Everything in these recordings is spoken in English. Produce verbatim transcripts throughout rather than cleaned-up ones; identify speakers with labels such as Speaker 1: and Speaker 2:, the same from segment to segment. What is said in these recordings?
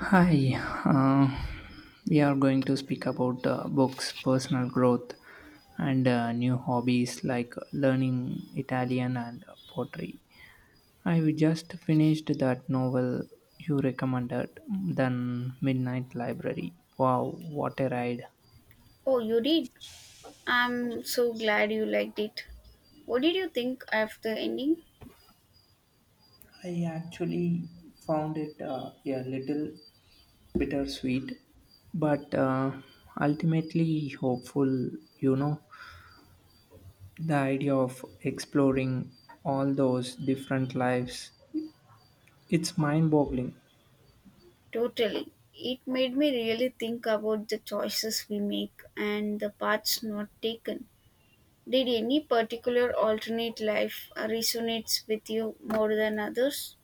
Speaker 1: Hi, uh, we are going to speak about uh, books, personal growth, and uh, new hobbies like learning Italian and pottery. I We just finished that novel you recommended, then Midnight Library. Wow, what a ride!
Speaker 2: Oh, you did? I'm so glad you liked it. What did you think of the ending?
Speaker 1: I actually found it uh, a little bittersweet, but uh, ultimately hopeful, you know. The idea of exploring all those different lives, it's mind boggling.
Speaker 2: Totally. It made me really think about the choices we make and the paths not taken. Did any particular alternate life uh, resonates with you more than others?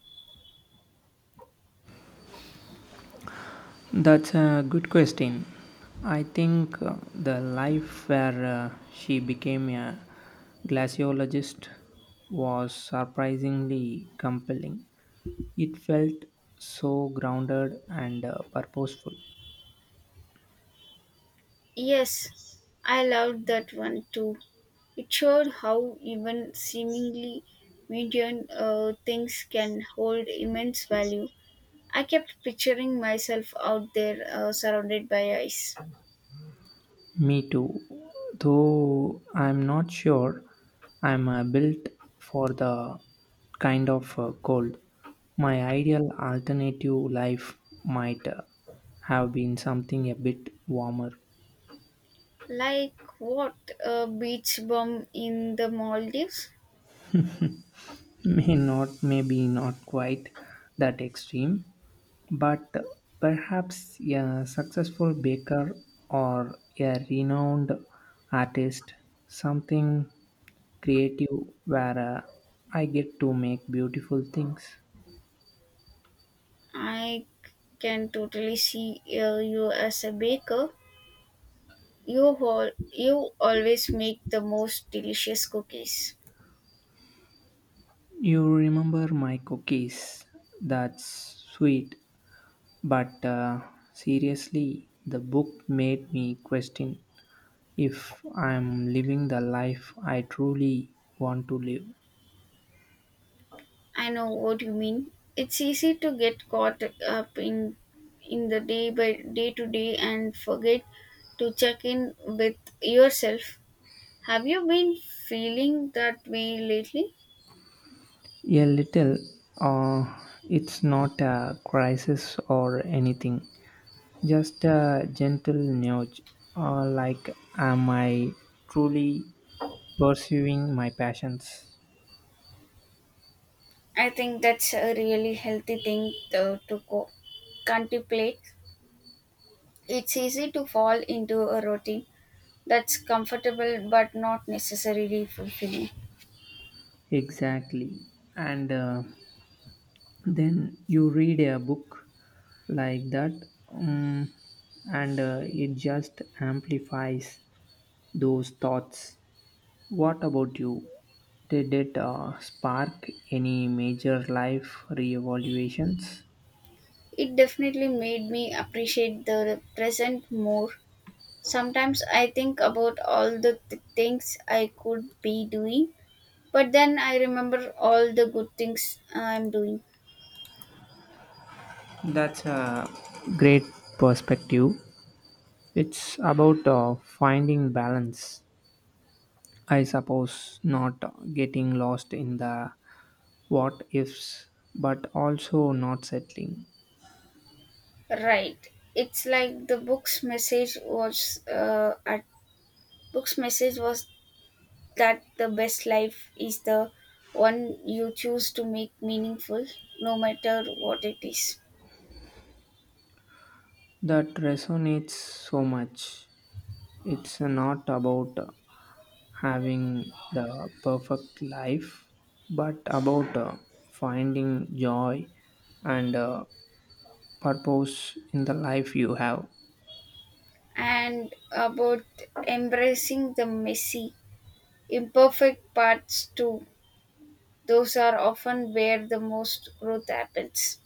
Speaker 1: That's a good question. I think uh, the life where uh, she became a glaciologist was surprisingly compelling. It felt so grounded and uh, purposeful.
Speaker 2: Yes, I loved that one too. It showed how even seemingly mundane uh, things can hold immense value. I kept picturing myself out there uh, surrounded by ice.
Speaker 1: Me too, though I'm not sure I'm uh, built for the kind of uh, cold. My ideal alternative life might uh, have been something a bit warmer.
Speaker 2: Like what? A beach bum in the Maldives?
Speaker 1: May not, maybe not quite that extreme, but perhaps a successful baker or a renowned artist, something creative where uh, I get to make beautiful things.
Speaker 2: I can totally see uh, you as a baker. You, hol- you always make the most delicious cookies.
Speaker 1: You remember my cookies? That's sweet, but uh, seriously, the book made me question if I'm living the life I truly want to live.
Speaker 2: I know what you mean. It's easy to get caught up in in the day by day to day and forget to check in with yourself. Have you been feeling that way lately?
Speaker 1: A little. Uh, it's not a crisis or anything. Just a gentle nudge. Uh, like, am I truly pursuing my passions?
Speaker 2: I think that's a really healthy thing to, to co- contemplate. It's easy to fall into a routine that's comfortable but not necessarily fulfilling.
Speaker 1: Exactly. And uh, then you read a book like that, um, and uh, it just amplifies those thoughts. What about you? Did it uh, spark any major life reevaluations?
Speaker 2: It definitely made me appreciate the present more. Sometimes I think about all the th- things I could be doing, but then I remember all the good things I'm doing.
Speaker 1: That's a great perspective. It's about uh, finding balance, I suppose, not getting lost in the what ifs, but also not settling.
Speaker 2: Right. It's like the book's message was uh, at book's message was that the best life is the one you choose to make meaningful, no matter what it is.
Speaker 1: That resonates so much. It's not about having the perfect life, but about uh, finding joy and uh, purpose in the life you have.
Speaker 2: And about embracing the messy, imperfect parts too. Those are often where the most growth happens.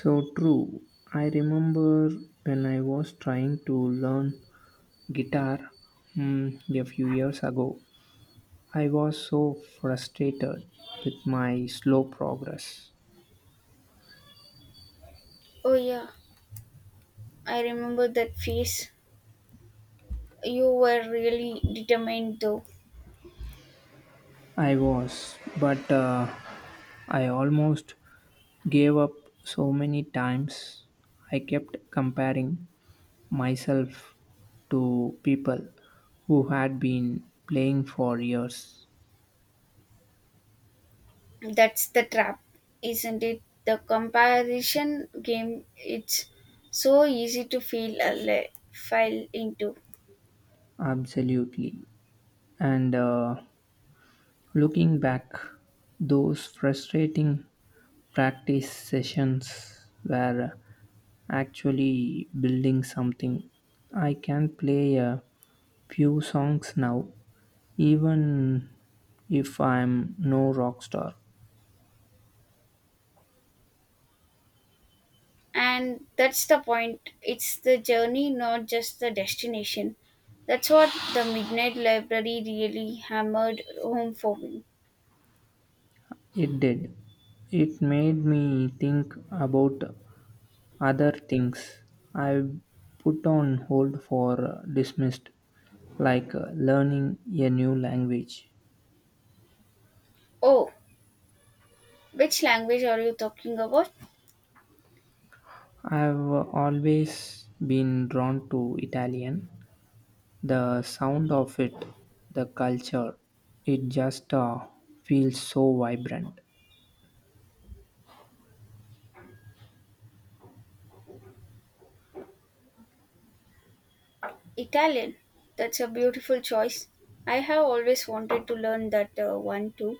Speaker 1: So true. I remember when I was trying to learn guitar mm, a few years ago, I was so frustrated with my slow progress.
Speaker 2: Oh yeah, I remember that phase. You were really determined though.
Speaker 1: I was, but uh, I almost gave up so many times. I kept comparing myself to people who had been playing for years.
Speaker 2: That's the trap, isn't it? The comparison game. It's so easy to feel a le- file into.
Speaker 1: Absolutely. And uh, looking back, those frustrating practice sessions were actually building something. I can play a few songs now, even if I'm no rock star.
Speaker 2: And that's the point. It's the journey, not just the destination. That's what the Midnight Library really hammered home for me.
Speaker 1: It did. It made me think about other things I put on hold for uh, dismissed, like uh, learning a new language.
Speaker 2: Oh, which language are you talking about?
Speaker 1: I've always been drawn to Italian. The sound of it, the culture, it just uh, feels so vibrant.
Speaker 2: Italian? That's a beautiful choice. I have always wanted to learn that uh, one too.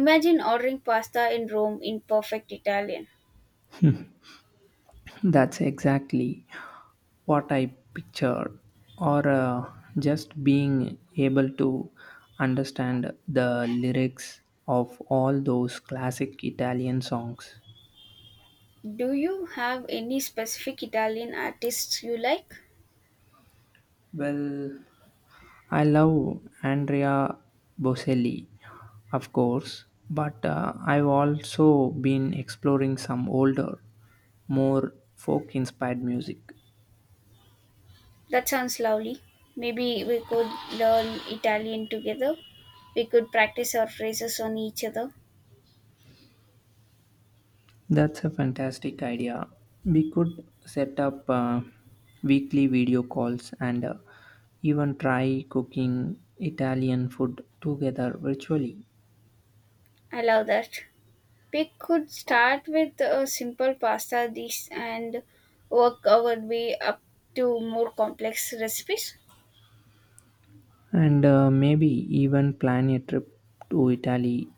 Speaker 2: Imagine ordering pasta in Rome in perfect Italian.
Speaker 1: That's exactly what I pictured, or uh, just being able to understand the lyrics of all those classic Italian songs.
Speaker 2: Do you have any specific Italian artists you like?
Speaker 1: Well, I love Andrea Bocelli, of course, but uh, I've also been exploring some older, more folk inspired music.
Speaker 2: That sounds lovely. Maybe we could learn Italian together. We could practice our phrases on each other.
Speaker 1: That's a fantastic idea. We could set up uh, weekly video calls and uh, even try cooking Italian food together virtually.
Speaker 2: I love that. We could start with a simple pasta dish and work our way up to more complex recipes.
Speaker 1: And uh, maybe even plan a trip to Italy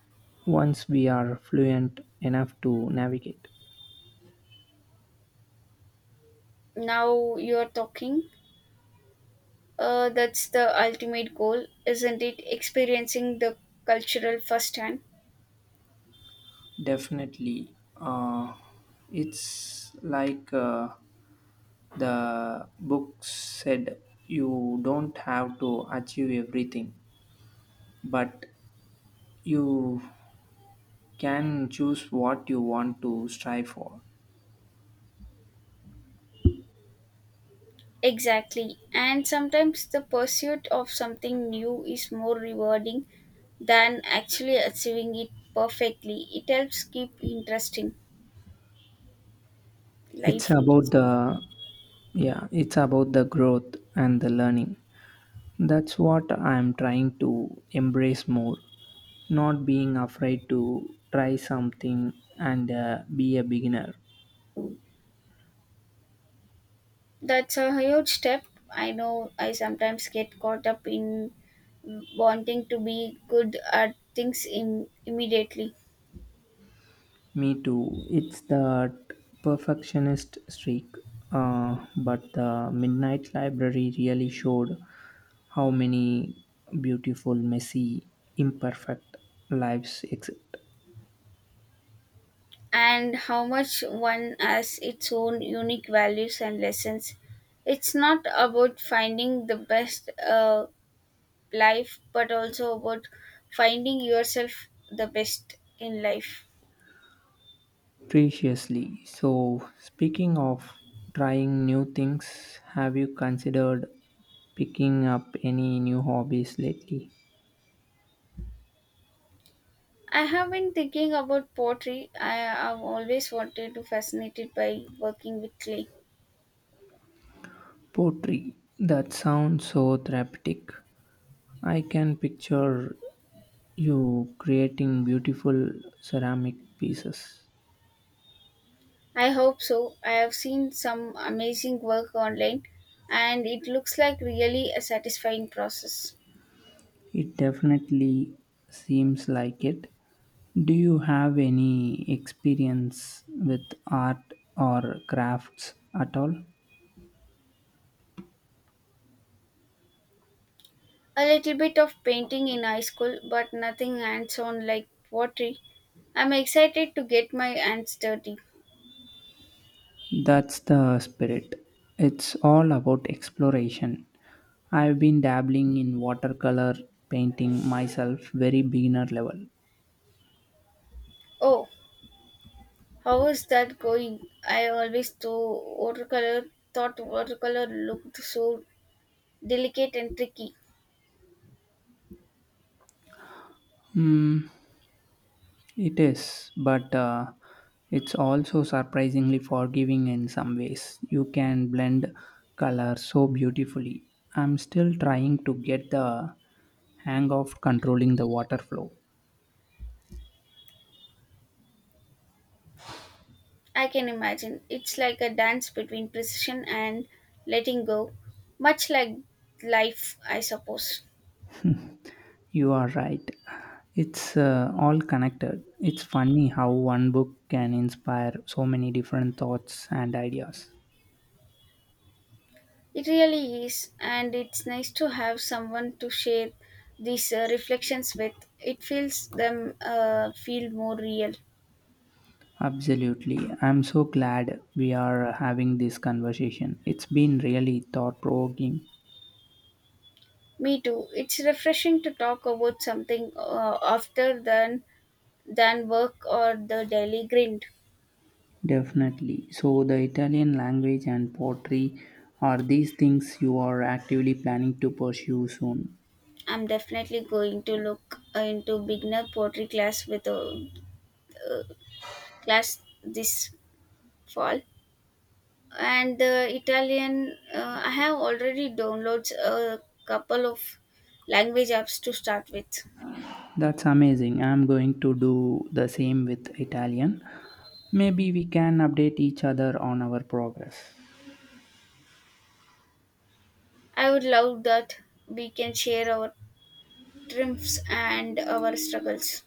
Speaker 1: once we are fluent enough to navigate.
Speaker 2: Now you're talking. Uh, that's the ultimate goal, isn't it? Experiencing the cultural firsthand.
Speaker 1: Definitely. Uh, it's like uh, the book said, you don't have to achieve everything, but you can choose what you want to strive for.
Speaker 2: Exactly. And sometimes the pursuit of something new is more rewarding than actually achieving it perfectly. It helps keep interesting
Speaker 1: It's
Speaker 2: life
Speaker 1: about the
Speaker 2: interesting.
Speaker 1: Yeah, it's about the growth and the learning. That's what I'm trying to embrace more, not being afraid to try something and uh, be a beginner.
Speaker 2: That's a huge step. I know I sometimes get caught up in wanting to be good at things im- immediately.
Speaker 1: Me too. It's that perfectionist streak. Uh, but the Midnight Library really showed how many beautiful, messy, imperfect lives exist.
Speaker 2: And how much one has its own unique values and lessons. It's not about finding the best uh, life but also about finding yourself the best in life.
Speaker 1: Preciously. So, speaking of trying new things, have you considered picking up any new hobbies lately?
Speaker 2: I have been thinking about pottery. I have always wanted to fascinated by working with clay.
Speaker 1: Poetry. That sounds so therapeutic. I can picture you creating beautiful ceramic pieces.
Speaker 2: I hope so. I have seen some amazing work online, and it looks like really a satisfying process.
Speaker 1: It definitely seems like it. Do you have any experience with art or crafts at all?
Speaker 2: A little bit of painting in high school, but nothing hands on like pottery. I'm excited to get my hands dirty.
Speaker 1: That's the spirit. It's all about exploration. I've been dabbling in watercolor painting myself, very beginner level.
Speaker 2: Oh, how is that going? I always thought watercolor thought watercolor looked so delicate and tricky.
Speaker 1: Hmm, It is, but uh, it's also surprisingly forgiving in some ways. You can blend color so beautifully. I'm still trying to get the hang of controlling the water flow.
Speaker 2: I can imagine. It's like a dance between precision and letting go. Much like life, I suppose.
Speaker 1: You are right. It's uh, all connected. It's funny how one book can inspire so many different thoughts and ideas.
Speaker 2: It really is, and it's nice to have someone to share these uh, reflections with. It feels them uh, feel more real.
Speaker 1: Absolutely. I'm so glad we are having this conversation. It's been really thought provoking.
Speaker 2: Me too. It's refreshing to talk about something uh, after than than work or the daily grind.
Speaker 1: Definitely. So, the Italian language and pottery, are these things you are actively planning to pursue soon?
Speaker 2: I'm definitely going to look uh, into beginner pottery class with a uh, class this fall. And the Italian, uh, I have already downloads a couple of language apps to start with.
Speaker 1: That's amazing. I'm going to do the same with Italian. Maybe we can update each other on our progress
Speaker 2: I would love that. We can share our triumphs and our struggles.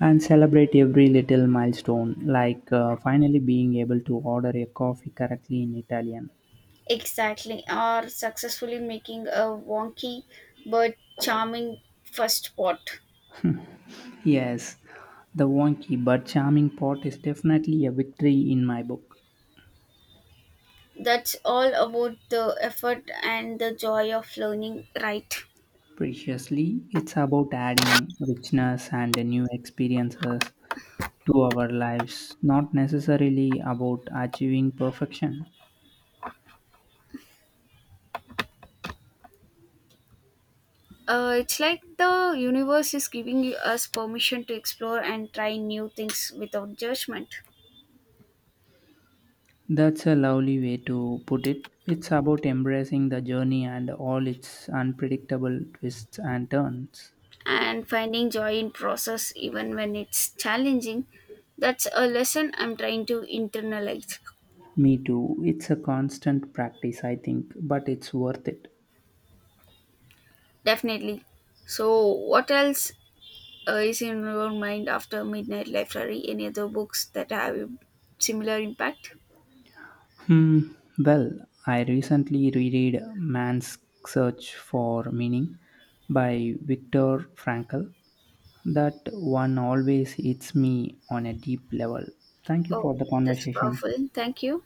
Speaker 1: and celebrate every little milestone, like uh, finally being able to order a coffee correctly in Italian.
Speaker 2: Exactly, or successfully making a wonky but charming first pot.
Speaker 1: Yes, the wonky but charming pot is definitely a victory in my book.
Speaker 2: That's all about the effort and the joy of learning, right?
Speaker 1: Preciously, it's about adding richness and new experiences to our lives, not necessarily about achieving perfection.
Speaker 2: Uh, it's like the universe is giving you- us permission to explore and try new things without judgment.
Speaker 1: That's a lovely way to put it. It's about embracing the journey and all its unpredictable twists and turns.
Speaker 2: And finding joy in process even when it's challenging. That's a lesson I'm trying to internalize.
Speaker 1: Me too. It's a constant practice, I think, but it's worth it.
Speaker 2: Definitely. So what else uh, is in your mind after Midnight Library? Any other books that have a similar impact?
Speaker 1: Hmm. Well, I recently reread Man's Search for Meaning by Viktor Frankl. That one always hits me on a deep level. Thank you
Speaker 2: Oh,
Speaker 1: for the
Speaker 2: that's
Speaker 1: conversation.
Speaker 2: powerful. Thank you.